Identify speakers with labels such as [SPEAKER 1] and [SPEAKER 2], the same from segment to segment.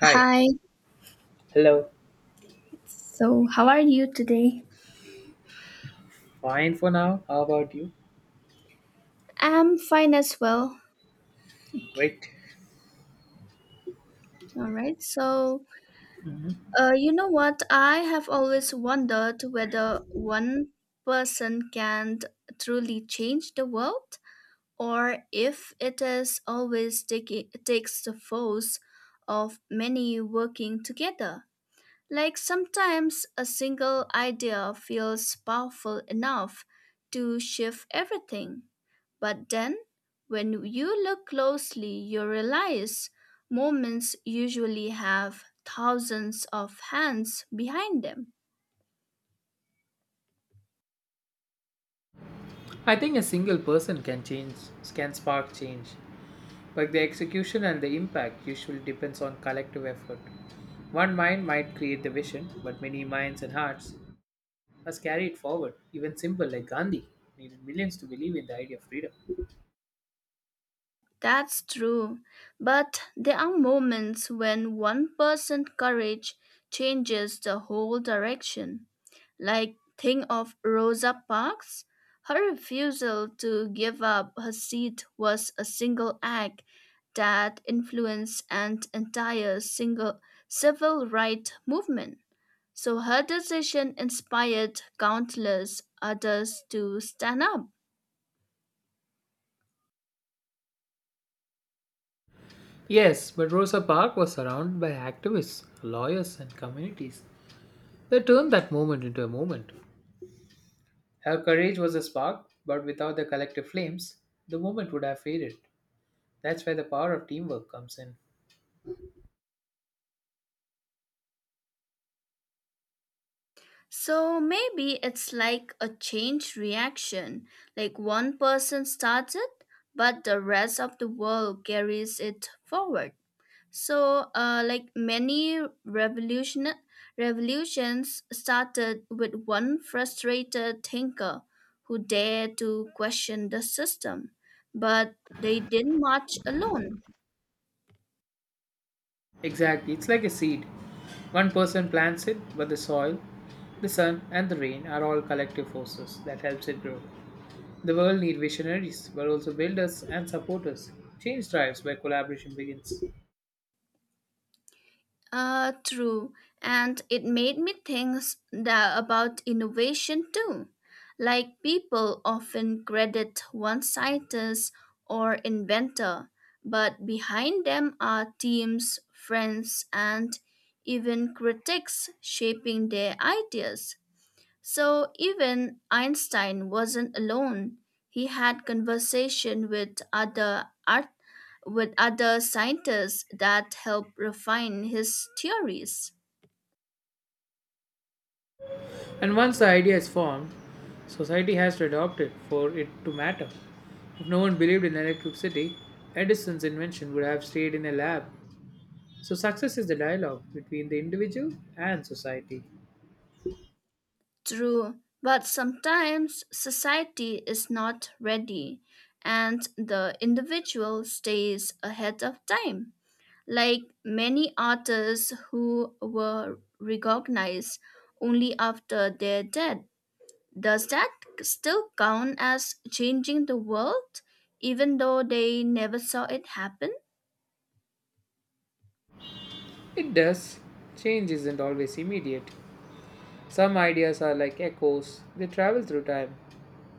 [SPEAKER 1] Hi,
[SPEAKER 2] Hi,
[SPEAKER 1] hello.
[SPEAKER 2] so how are you today?
[SPEAKER 1] Fine for now. How about you?
[SPEAKER 2] I'm fine as well.
[SPEAKER 1] Great.
[SPEAKER 2] All right, so you know what? I have always wondered whether one person can truly change the world, or if it is always taking takes the force of many working together. Like sometimes a single idea feels powerful enough to shift everything. But then, when you look closely, you realize moments usually have thousands of hands behind them.
[SPEAKER 1] I think a single person can change, can spark change, but the execution and the impact usually depends on collective effort. One mind might create the vision, but many minds and hearts must carry it forward. Even simple like Gandhi needed millions to believe in the idea of freedom.
[SPEAKER 2] That's true, but there are moments when one person's courage changes the whole direction. Like, think of Rosa Parks. Her refusal to give up her seat was a single act that influenced an entire single civil rights movement. So her decision inspired countless others to stand up.
[SPEAKER 1] Yes, but Rosa Parks was surrounded by activists, lawyers, and communities. They turned that moment into a moment. Her courage was a spark, but without the collective flames, the movement would have faded. That's where the power of teamwork comes in.
[SPEAKER 2] So maybe it's like a change reaction, like one person starts it, but the rest of the world carries it forward. So, like many revolutions started with one frustrated thinker who dared to question the system, but they didn't march alone.
[SPEAKER 1] Exactly, it's like a seed. One person plants it, but the soil, the sun, and the rain are all collective forces that helps it grow. The world needs visionaries, but also builders and supporters. Change drives where collaboration begins.
[SPEAKER 2] True. And it made me think about innovation too. Like people often credit one scientist or inventor, but behind them are teams, friends, and even critics shaping their ideas. So even Einstein wasn't alone. He had conversation with other art, with other scientists that helped refine his theories.
[SPEAKER 1] And once the idea is formed, society has to adopt it for it to matter. If no one believed in electricity, Edison's invention would have stayed in a lab. So, success is the dialogue between the individual and society.
[SPEAKER 2] True, but sometimes society is not ready and the individual stays ahead of time. Like many artists who were recognized only after their death. Does that still count as changing the world, even though they never saw it happen?
[SPEAKER 1] It does. Change isn't always immediate. Some ideas are like echoes, they travel through time.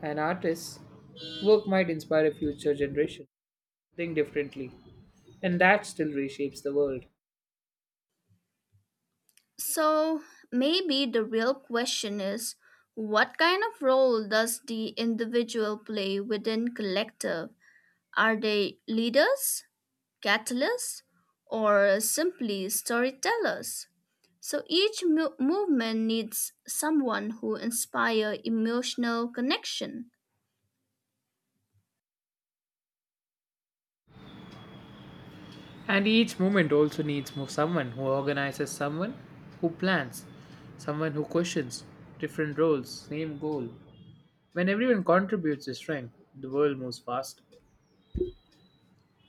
[SPEAKER 1] An artist's work might inspire a future generation to think differently, and that still reshapes the world.
[SPEAKER 2] So maybe the real question is, what kind of role does the individual play within collective? Are they leaders, catalysts, or simply storytellers? So each movement needs someone who inspire emotional connection.
[SPEAKER 1] And each movement also needs more someone who organizes, someone who plans, someone who questions different roles, same goal. When everyone contributes their strength, the world moves fast.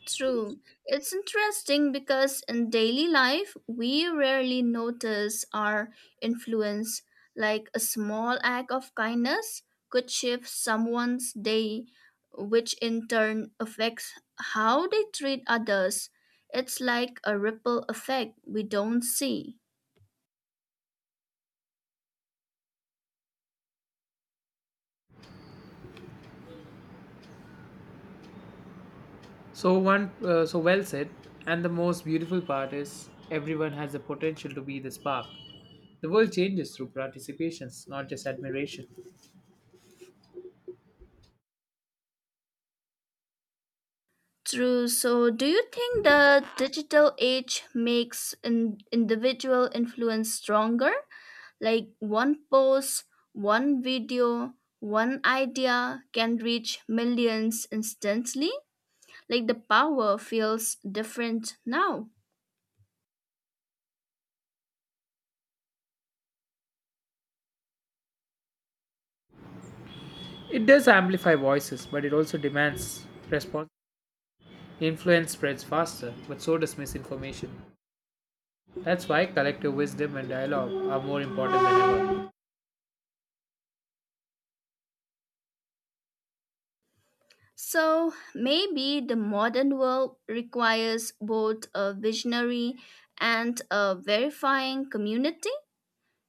[SPEAKER 2] True. It's interesting because in daily life, we rarely notice our influence, like a small act of kindness could shift someone's day, which in turn affects how they treat others. It's like a ripple effect we don't see.
[SPEAKER 1] So one, so well said. And the most beautiful part is everyone has the potential to be the spark. The world changes through participations, not just admiration.
[SPEAKER 2] True. So, do you think the digital age makes an individual influence stronger? Like one post, one video, one idea can reach millions instantly. Like the power feels different now.
[SPEAKER 1] It does amplify voices, but it also demands response. Influence spreads faster, but so does misinformation. That's why collective wisdom and dialogue are more important than ever.
[SPEAKER 2] So, maybe the modern world requires both a visionary and a verifying community.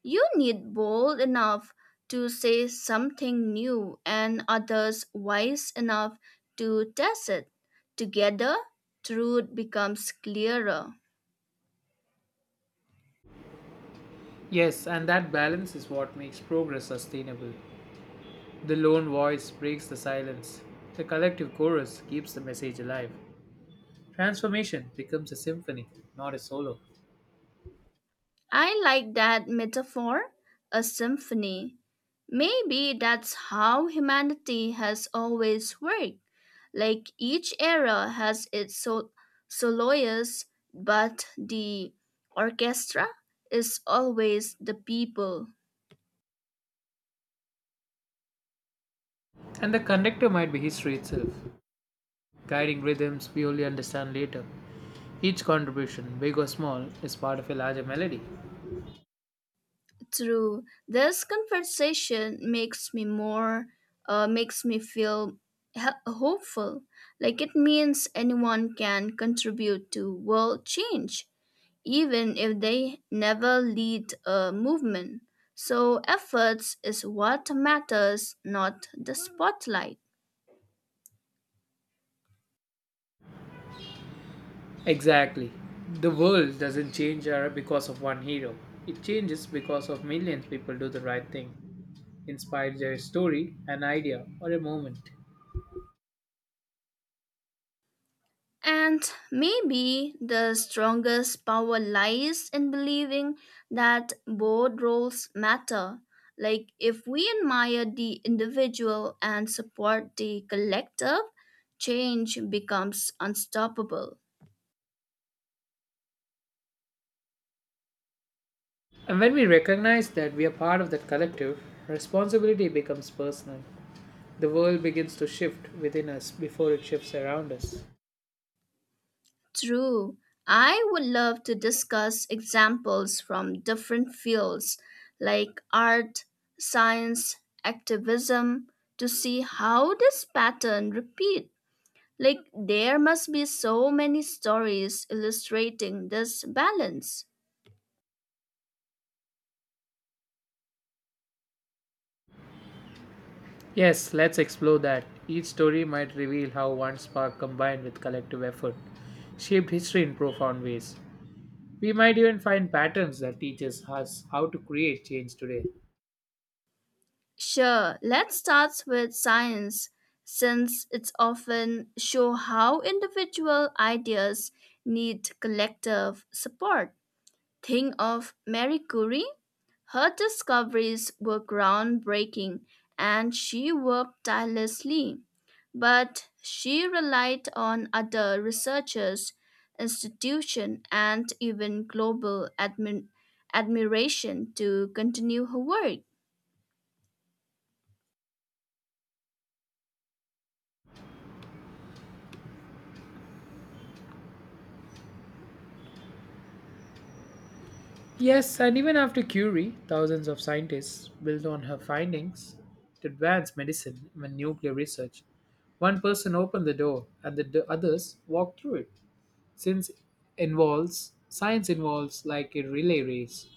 [SPEAKER 2] You need bold enough to say something new and others wise enough to test it. Together, truth becomes clearer.
[SPEAKER 1] Yes, and that balance is what makes progress sustainable. The lone voice breaks the silence, the collective chorus keeps the message alive. Transformation becomes a symphony, not a solo.
[SPEAKER 2] I like that metaphor, a symphony. Maybe that's how humanity has always worked. Like each era has its soloists, but the orchestra is always the people.
[SPEAKER 1] And the conductor might be history itself, guiding rhythms we only understand later. Each contribution, big or small, is part of a larger melody.
[SPEAKER 2] True. This conversation makes me more, makes me feel hopeful. Like it means anyone can contribute to world change, even if they never lead a movement. So efforts is what matters, not the spotlight.
[SPEAKER 1] Exactly. The world doesn't change because of one hero. It changes because of millions people do the right thing, inspired by a story, an idea, or a moment.
[SPEAKER 2] And maybe the strongest power lies in believing that both roles matter. Like, if we admire the individual and support the collective, change becomes unstoppable.
[SPEAKER 1] And when we recognize that we are part of that collective, responsibility becomes personal. The world begins to shift within us before it shifts around us.
[SPEAKER 2] True. I would love to discuss examples from different fields like art, science, activism, to see how this pattern repeats. Like, there must be so many stories illustrating this balance.
[SPEAKER 1] Yes, let's explore that. Each story might reveal how one spark combined with collective effort shaped history in profound ways. We might even find patterns that teaches us how to create change today.
[SPEAKER 2] Sure, let's start with science, since it's often show how individual ideas need collective support. Think of Marie Curie. Her discoveries were groundbreaking and she worked tirelessly, but she relied on other researchers, institutions, and even global admiration to continue her work.
[SPEAKER 1] Yes, and even after Curie, thousands of scientists built on her findings to advance medicine and nuclear research. One person opened the door and the others walked through it. Since involves science involves like a relay race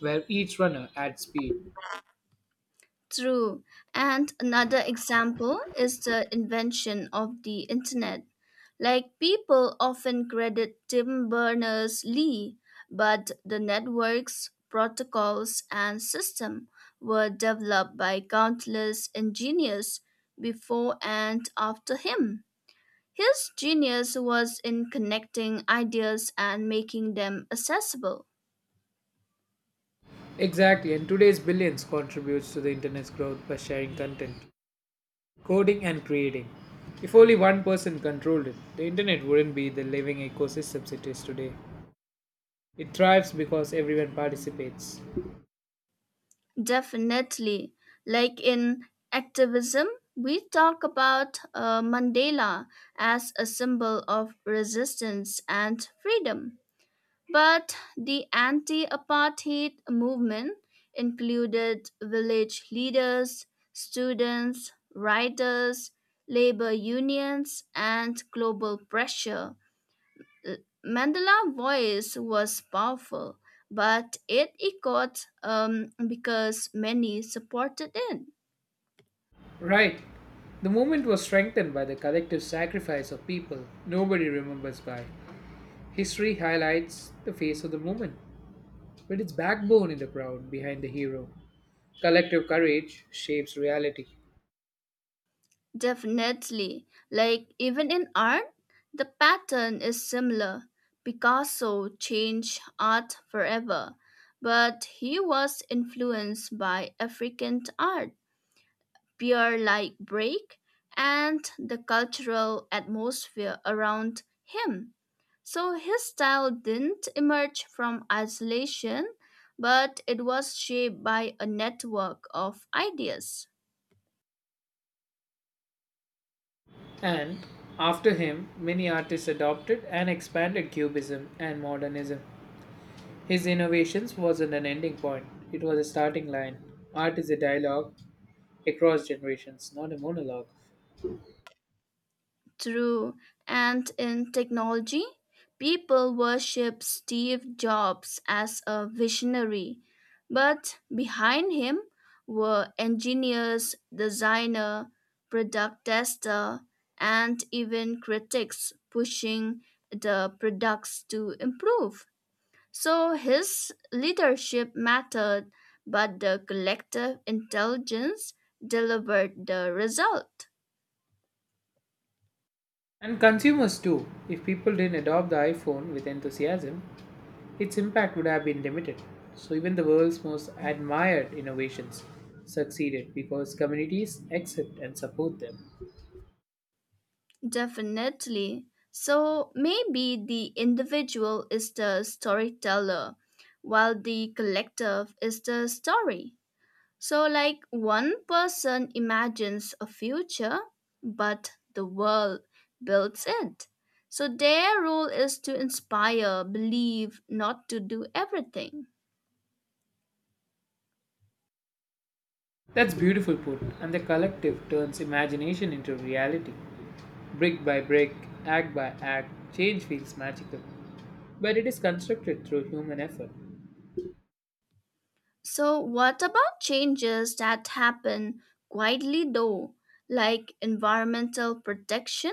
[SPEAKER 1] where each runner adds speed.
[SPEAKER 2] True. And another example is the invention of the internet. Like people often credit Tim Berners-Lee, but the networks, protocols, and system were developed by countless engineers before and after him. His genius was in connecting ideas and making them accessible.
[SPEAKER 1] Exactly, and today's billions contributes to the internet's growth by sharing content. Coding and creating. If only one person controlled it, the internet wouldn't be the living ecosystem it is today. It thrives because everyone participates.
[SPEAKER 2] Definitely. Like in activism, we talk about Mandela as a symbol of resistance and freedom. But the anti apartheid movement included village leaders, students, writers, labor unions, and global pressure. Mandela's voice was powerful, but it echoed, because many supported it.
[SPEAKER 1] Right. The movement was strengthened by the collective sacrifice of people nobody remembers by. History highlights the face of the movement, with its backbone in the crowd behind the hero. Collective courage shapes reality.
[SPEAKER 2] Definitely. Like even in art, the pattern is similar. Picasso changed art forever, but he was influenced by African art, pure like break, and the cultural atmosphere around him. So his style didn't emerge from isolation, but it was shaped by a network of ideas.
[SPEAKER 1] And after him, many artists adopted and expanded Cubism and Modernism. His innovations wasn't an ending point, it was a starting line. Art is a dialogue across generations, not a monologue.
[SPEAKER 2] True. And in technology, people worship Steve Jobs as a visionary, but behind him were engineers, designer, product tester, and even critics pushing the products to improve. So his leadership mattered, but the collective intelligence delivered the result.
[SPEAKER 1] And consumers too. If people didn't adopt the iPhone with enthusiasm, its impact would have been limited. So even the world's most admired innovations succeeded because communities accept and support them.
[SPEAKER 2] Definitely. So maybe the individual is the storyteller while the collective is the story. So, like one person imagines a future, but the world builds it. So, their role is to inspire, believe, not to do everything.
[SPEAKER 1] That's beautiful put, and the collective turns imagination into reality. Brick by brick, act by act, change feels magical. But it is constructed through human effort.
[SPEAKER 2] So, what about changes that happen quietly though, like environmental protection?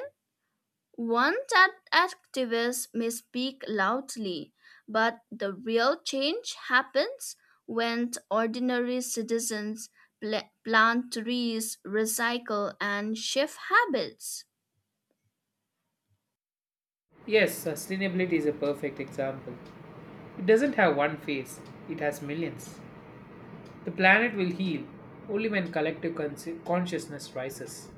[SPEAKER 2] One that activists may speak loudly, but the real change happens when ordinary citizens plant trees, recycle, and shift habits.
[SPEAKER 1] Yes, sustainability is a perfect example. It doesn't have one face, it has millions. The planet will heal only when collective consciousness rises.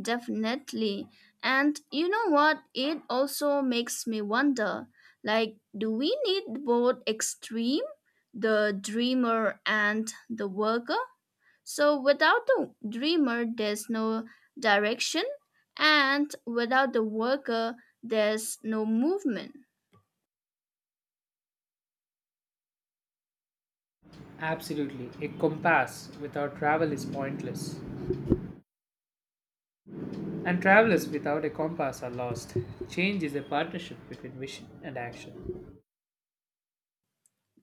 [SPEAKER 2] Definitely. And you know what? It also makes me wonder, like, do we need both extreme, the dreamer and the worker? So without the dreamer, there's no direction, and without the worker, there's no movement.
[SPEAKER 1] Absolutely, a compass without travel is pointless. And travelers without a compass are lost. Change is a partnership between vision and action.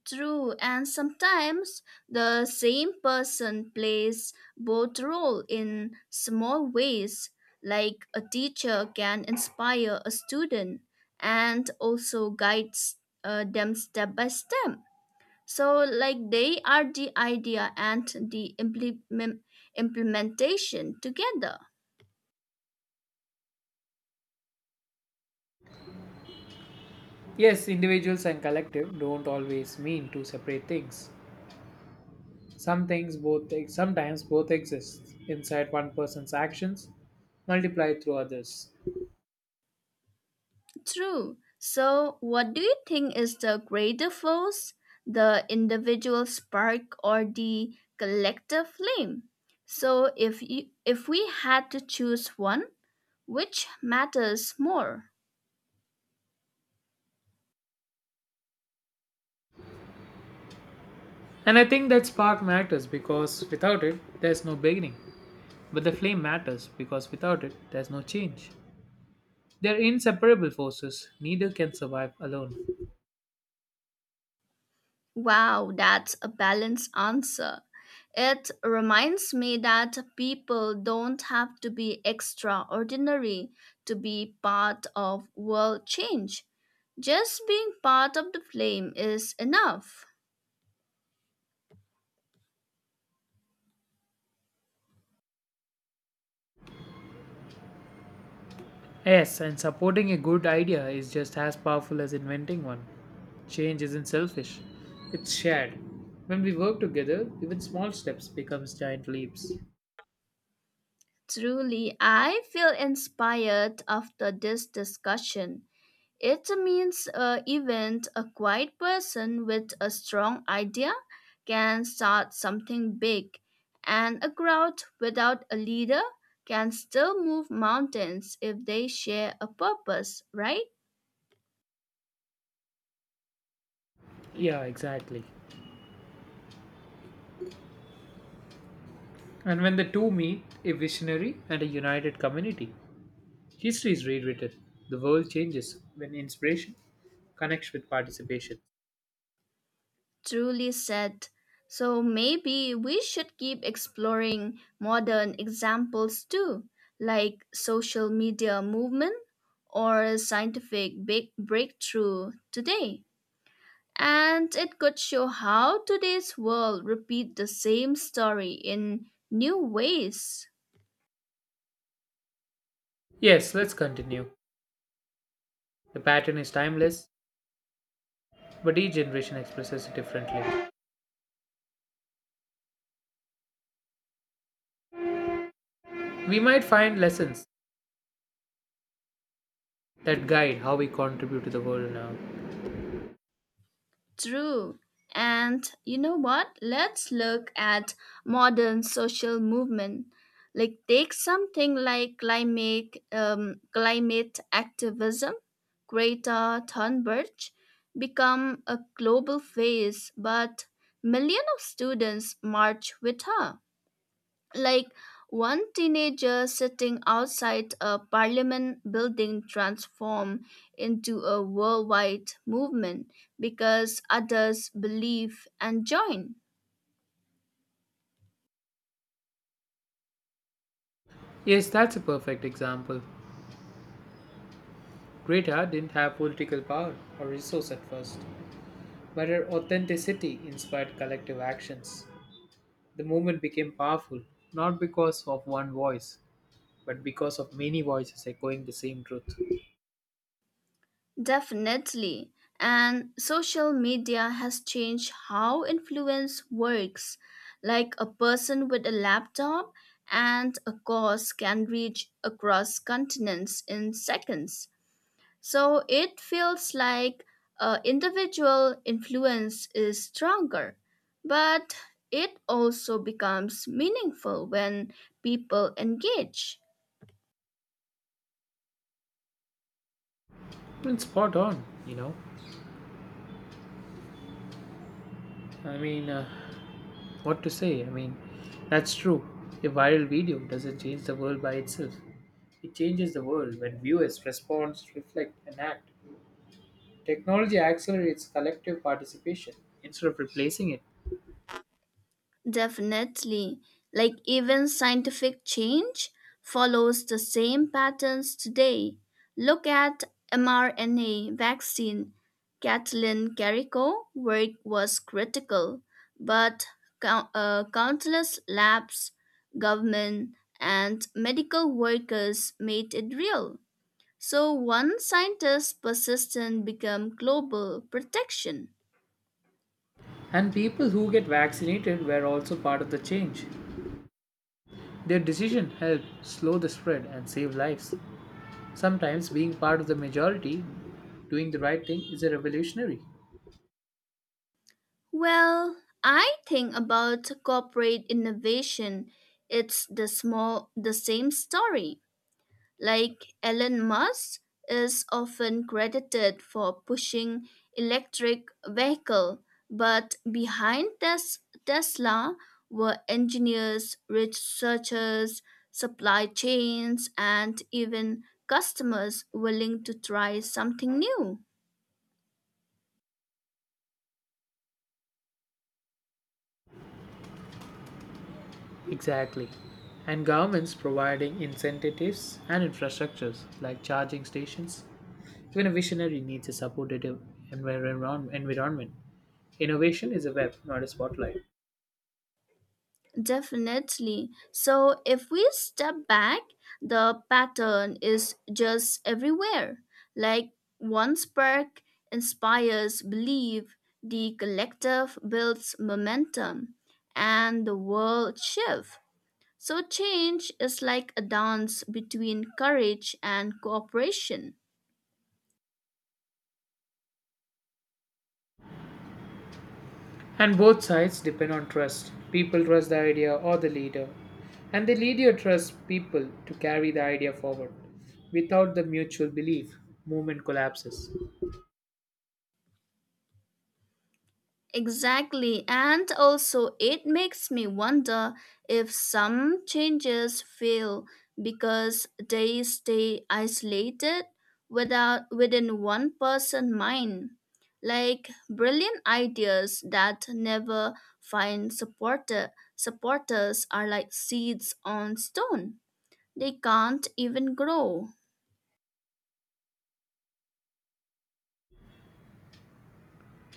[SPEAKER 2] True, and sometimes the same person plays both role in small ways, like a teacher can inspire a student and also guides them step by step. So, like they are the idea and the implementation together.
[SPEAKER 1] Yes, individuals and collective don't always mean two separate things. Some things both sometimes both exist inside one person's actions, multiplied through others.
[SPEAKER 2] True. So, what do you think is the greater force, the individual spark or the collective flame? So, if we had to choose one, which matters more?
[SPEAKER 1] And I think that spark matters because without it there's no beginning. But the flame matters because without it there's no change. They're inseparable forces, neither can survive alone.
[SPEAKER 2] Wow, that's a balanced answer. It reminds me that people don't have to be extraordinary to be part of world change. Just being part of the flame is enough.
[SPEAKER 1] Yes, and supporting a good idea is just as powerful as inventing one. Change isn't selfish, it's shared. When we work together, even small steps becomes giant leaps.
[SPEAKER 2] Truly, I feel inspired after this discussion. It means even a quiet person with a strong idea can start something big, and a crowd without a leader can still move mountains if they share a purpose, right?
[SPEAKER 1] Yeah, exactly. And when the two meet, a visionary and a united community, history is rewritten. The world changes when inspiration connects with participation.
[SPEAKER 2] Truly said. So maybe we should keep exploring modern examples too, like social media movement or scientific big breakthrough today. And it could show how today's world repeat the same story in new ways.
[SPEAKER 1] Yes, let's continue. The pattern is timeless, but each generation expresses it differently. We might find lessons that guide how we contribute to the world now.
[SPEAKER 2] True. And you know what? Let's look at modern social movement. Like take something like climate climate activism. Greta Thunberg become a global face, but millions of students march with her, like one teenager sitting outside a parliament building transformed into a worldwide movement because others believe and join.
[SPEAKER 1] Yes, that's a perfect example. Greta didn't have political power or resource at first, but her authenticity inspired collective actions. The movement became powerful not because of one voice, but because of many voices echoing the same truth.
[SPEAKER 2] Definitely. And social media has changed how influence works. Like a person with a laptop and a cause can reach across continents in seconds. So it feels like individual influence is stronger, but it also becomes meaningful when people engage.
[SPEAKER 1] It's spot on, you know. I mean, what to say? I mean, that's true. A viral video doesn't change the world by itself. It changes the world when viewers respond, reflect, and act. Technology accelerates collective participation instead of replacing it.
[SPEAKER 2] Definitely. Like even scientific change follows the same patterns today. Look at mRNA vaccine. Kathleen Carrico work was critical, but countless labs, government, and medical workers made it real. So one scientist's persistence become global protection.
[SPEAKER 1] And people who get vaccinated were also part of the change. Their decision helped slow the spread and save lives. Sometimes being part of the majority, doing the right thing is a revolutionary.
[SPEAKER 2] Well, I think about corporate innovation, it's the same story. Like Elon Musk is often credited for pushing electric vehicle, but behind this Tesla were engineers, researchers, supply chains, and even customers willing to try something new.
[SPEAKER 1] Exactly. And governments providing incentives and infrastructures like charging stations. Even a visionary needs a supportive environment. Innovation is a web, not a spotlight.
[SPEAKER 2] Definitely. So, if we step back, the pattern is just everywhere. Like one spark inspires belief, the collective builds momentum, and the world shifts. So, change is like a dance between courage and cooperation.
[SPEAKER 1] And both sides depend on trust. People trust the idea or the leader, and the leader trusts people to carry the idea forward. Without the mutual belief, movement collapses.
[SPEAKER 2] Exactly, and also it makes me wonder if some changes fail because they stay isolated without within one person mind, like brilliant ideas that never find supporters are like seeds on stone. They can't even grow.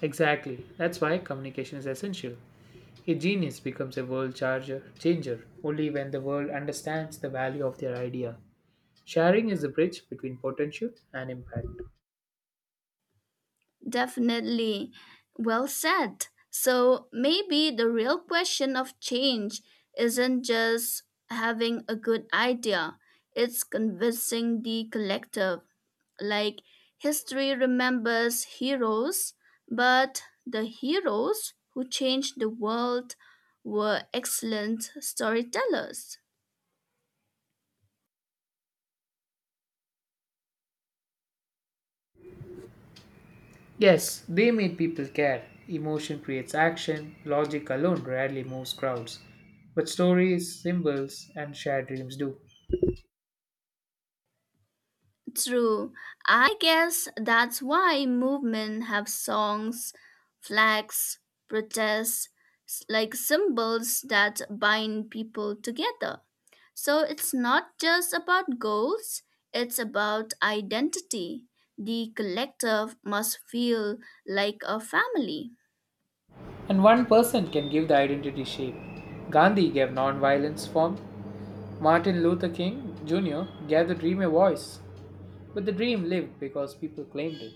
[SPEAKER 1] Exactly. That's why communication is essential. A genius becomes a world charger, changer only when the world understands the value of their idea. Sharing is the bridge between potential and impact.
[SPEAKER 2] Definitely. Well said. So maybe the real question of change isn't just having a good idea, it's convincing the collective. Like history remembers heroes, but the heroes who changed the world were excellent storytellers.
[SPEAKER 1] Yes, they made people care. Emotion creates action, logic alone rarely moves crowds. But stories, symbols, and shared dreams do.
[SPEAKER 2] True. I guess that's why movements have songs, flags, protests, like symbols that bind people together. So it's not just about goals, it's about identity. The collective must feel like a family.
[SPEAKER 1] And one person can give the identity shape. Gandhi gave non-violence form. Martin Luther King Jr. gave the dream a voice. But the dream lived because people claimed it.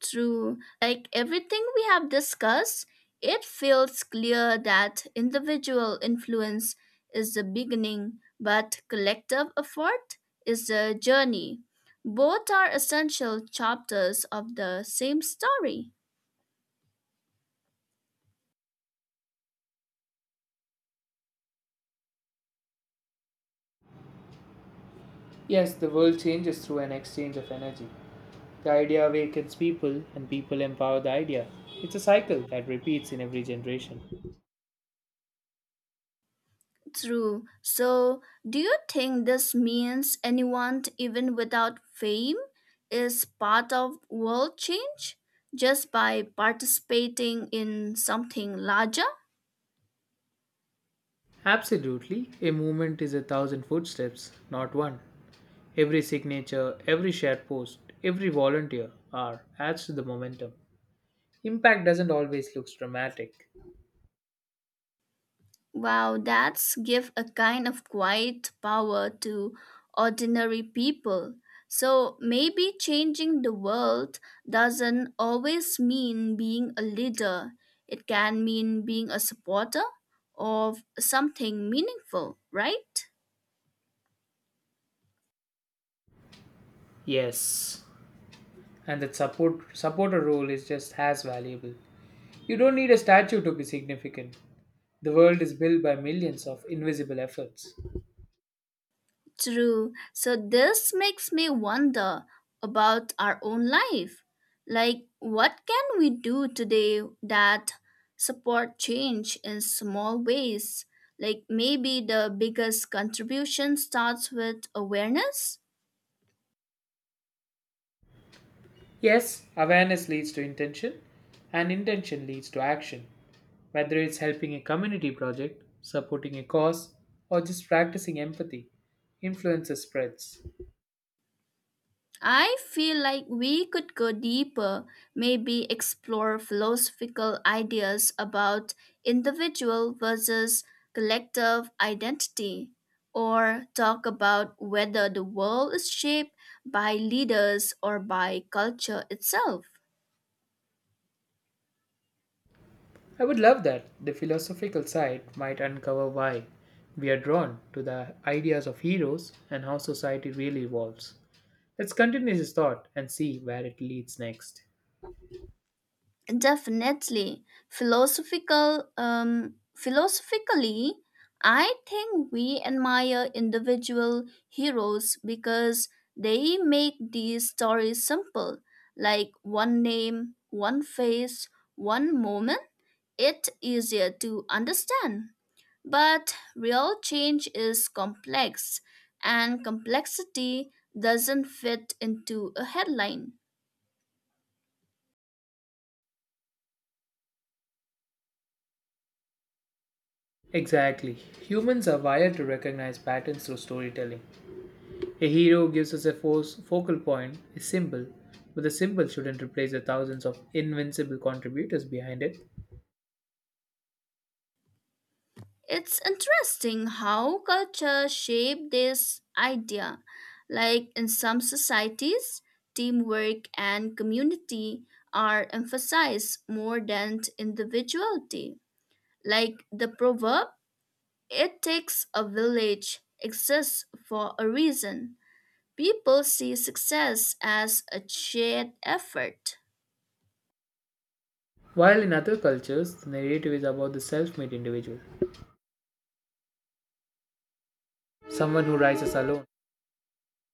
[SPEAKER 2] True. Like everything we have discussed, it feels clear that individual influence is the beginning, but collective effort is the journey. Both are essential chapters of the same story.
[SPEAKER 1] Yes, the world changes through an exchange of energy. The idea awakens people, and people empower the idea. It's a cycle that repeats in every generation.
[SPEAKER 2] True. So, do you think this means anyone, even without fame, is part of world change just by participating in something larger?
[SPEAKER 1] Absolutely, a movement is a thousand footsteps, not one. Every signature, every shared post, every volunteer are adds to the momentum. Impact doesn't always look dramatic.
[SPEAKER 2] Wow, that's give a kind of quiet power to ordinary people. So maybe changing the world doesn't always mean being a leader. It can mean being a supporter of something meaningful, right?
[SPEAKER 1] Yes, and that supporter role is just as valuable. You don't need a statue to be significant. The world is built by millions of invisible efforts.
[SPEAKER 2] True. So this makes me wonder about our own life. Like, what can we do today that support change in small ways? Like, maybe the biggest contribution starts with awareness?
[SPEAKER 1] Yes, awareness leads to intention, and intention leads to action. Whether it's helping a community project, supporting a cause, or just practicing empathy, influence spreads.
[SPEAKER 2] I feel like we could go deeper, maybe explore philosophical ideas about individual versus collective identity, or talk about whether the world is shaped by leaders or by culture itself.
[SPEAKER 1] I would love that. The philosophical side might uncover why we are drawn to the ideas of heroes and how society really evolves. Let's continue this thought and see where it leads next.
[SPEAKER 2] Definitely. Philosophically, I think we admire individual heroes because they make these stories simple, like one name, one face, one moment. It easier to understand. But real change is complex and complexity doesn't fit into a headline.
[SPEAKER 1] Exactly. Humans are wired to recognize patterns through storytelling. A hero gives us a force, focal point, a symbol, but the symbol shouldn't replace the thousands of invincible contributors behind it.
[SPEAKER 2] It's interesting how culture shape this idea. Like in some societies, teamwork and community are emphasized more than individuality. Like the proverb, it takes a village exists for a reason. People see success as a shared effort.
[SPEAKER 1] While in other cultures, the narrative is about the self made individual, someone who rises alone,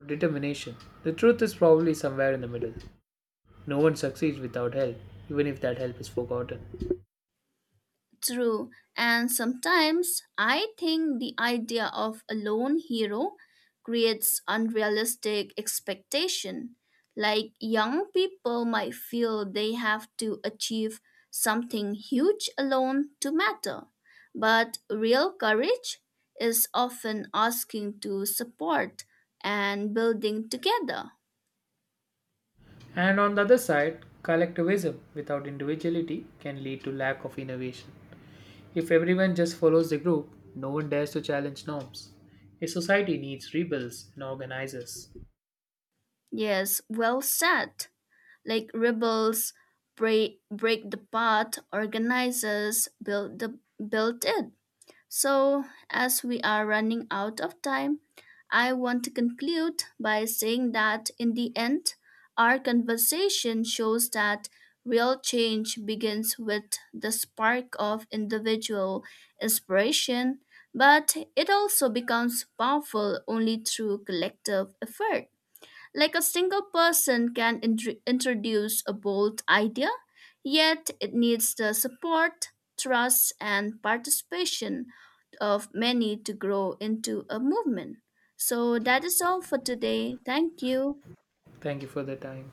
[SPEAKER 1] determination. The truth is probably somewhere in the middle. No one succeeds without help, even if that help is forgotten.
[SPEAKER 2] True, and sometimes I think the idea of a lone hero creates unrealistic expectation. Like young people might feel they have to achieve something huge alone to matter. But real courage is often asking to support and building together.
[SPEAKER 1] And on the other side, collectivism without individuality can lead to lack of innovation. If everyone just follows the group, no one dares to challenge norms. A society needs rebels and organizers.
[SPEAKER 2] Yes, well said. Like rebels break the path, organizers build the built it. So as we are running out of time, I want to conclude by saying that in the end our conversation shows that real change begins with the spark of individual inspiration, but it also becomes powerful only through collective effort. Like a single person can introduce a bold idea, yet it needs the support, trust, and participation of many to grow into a movement. So that is all for today. Thank you.
[SPEAKER 1] Thank you for the time.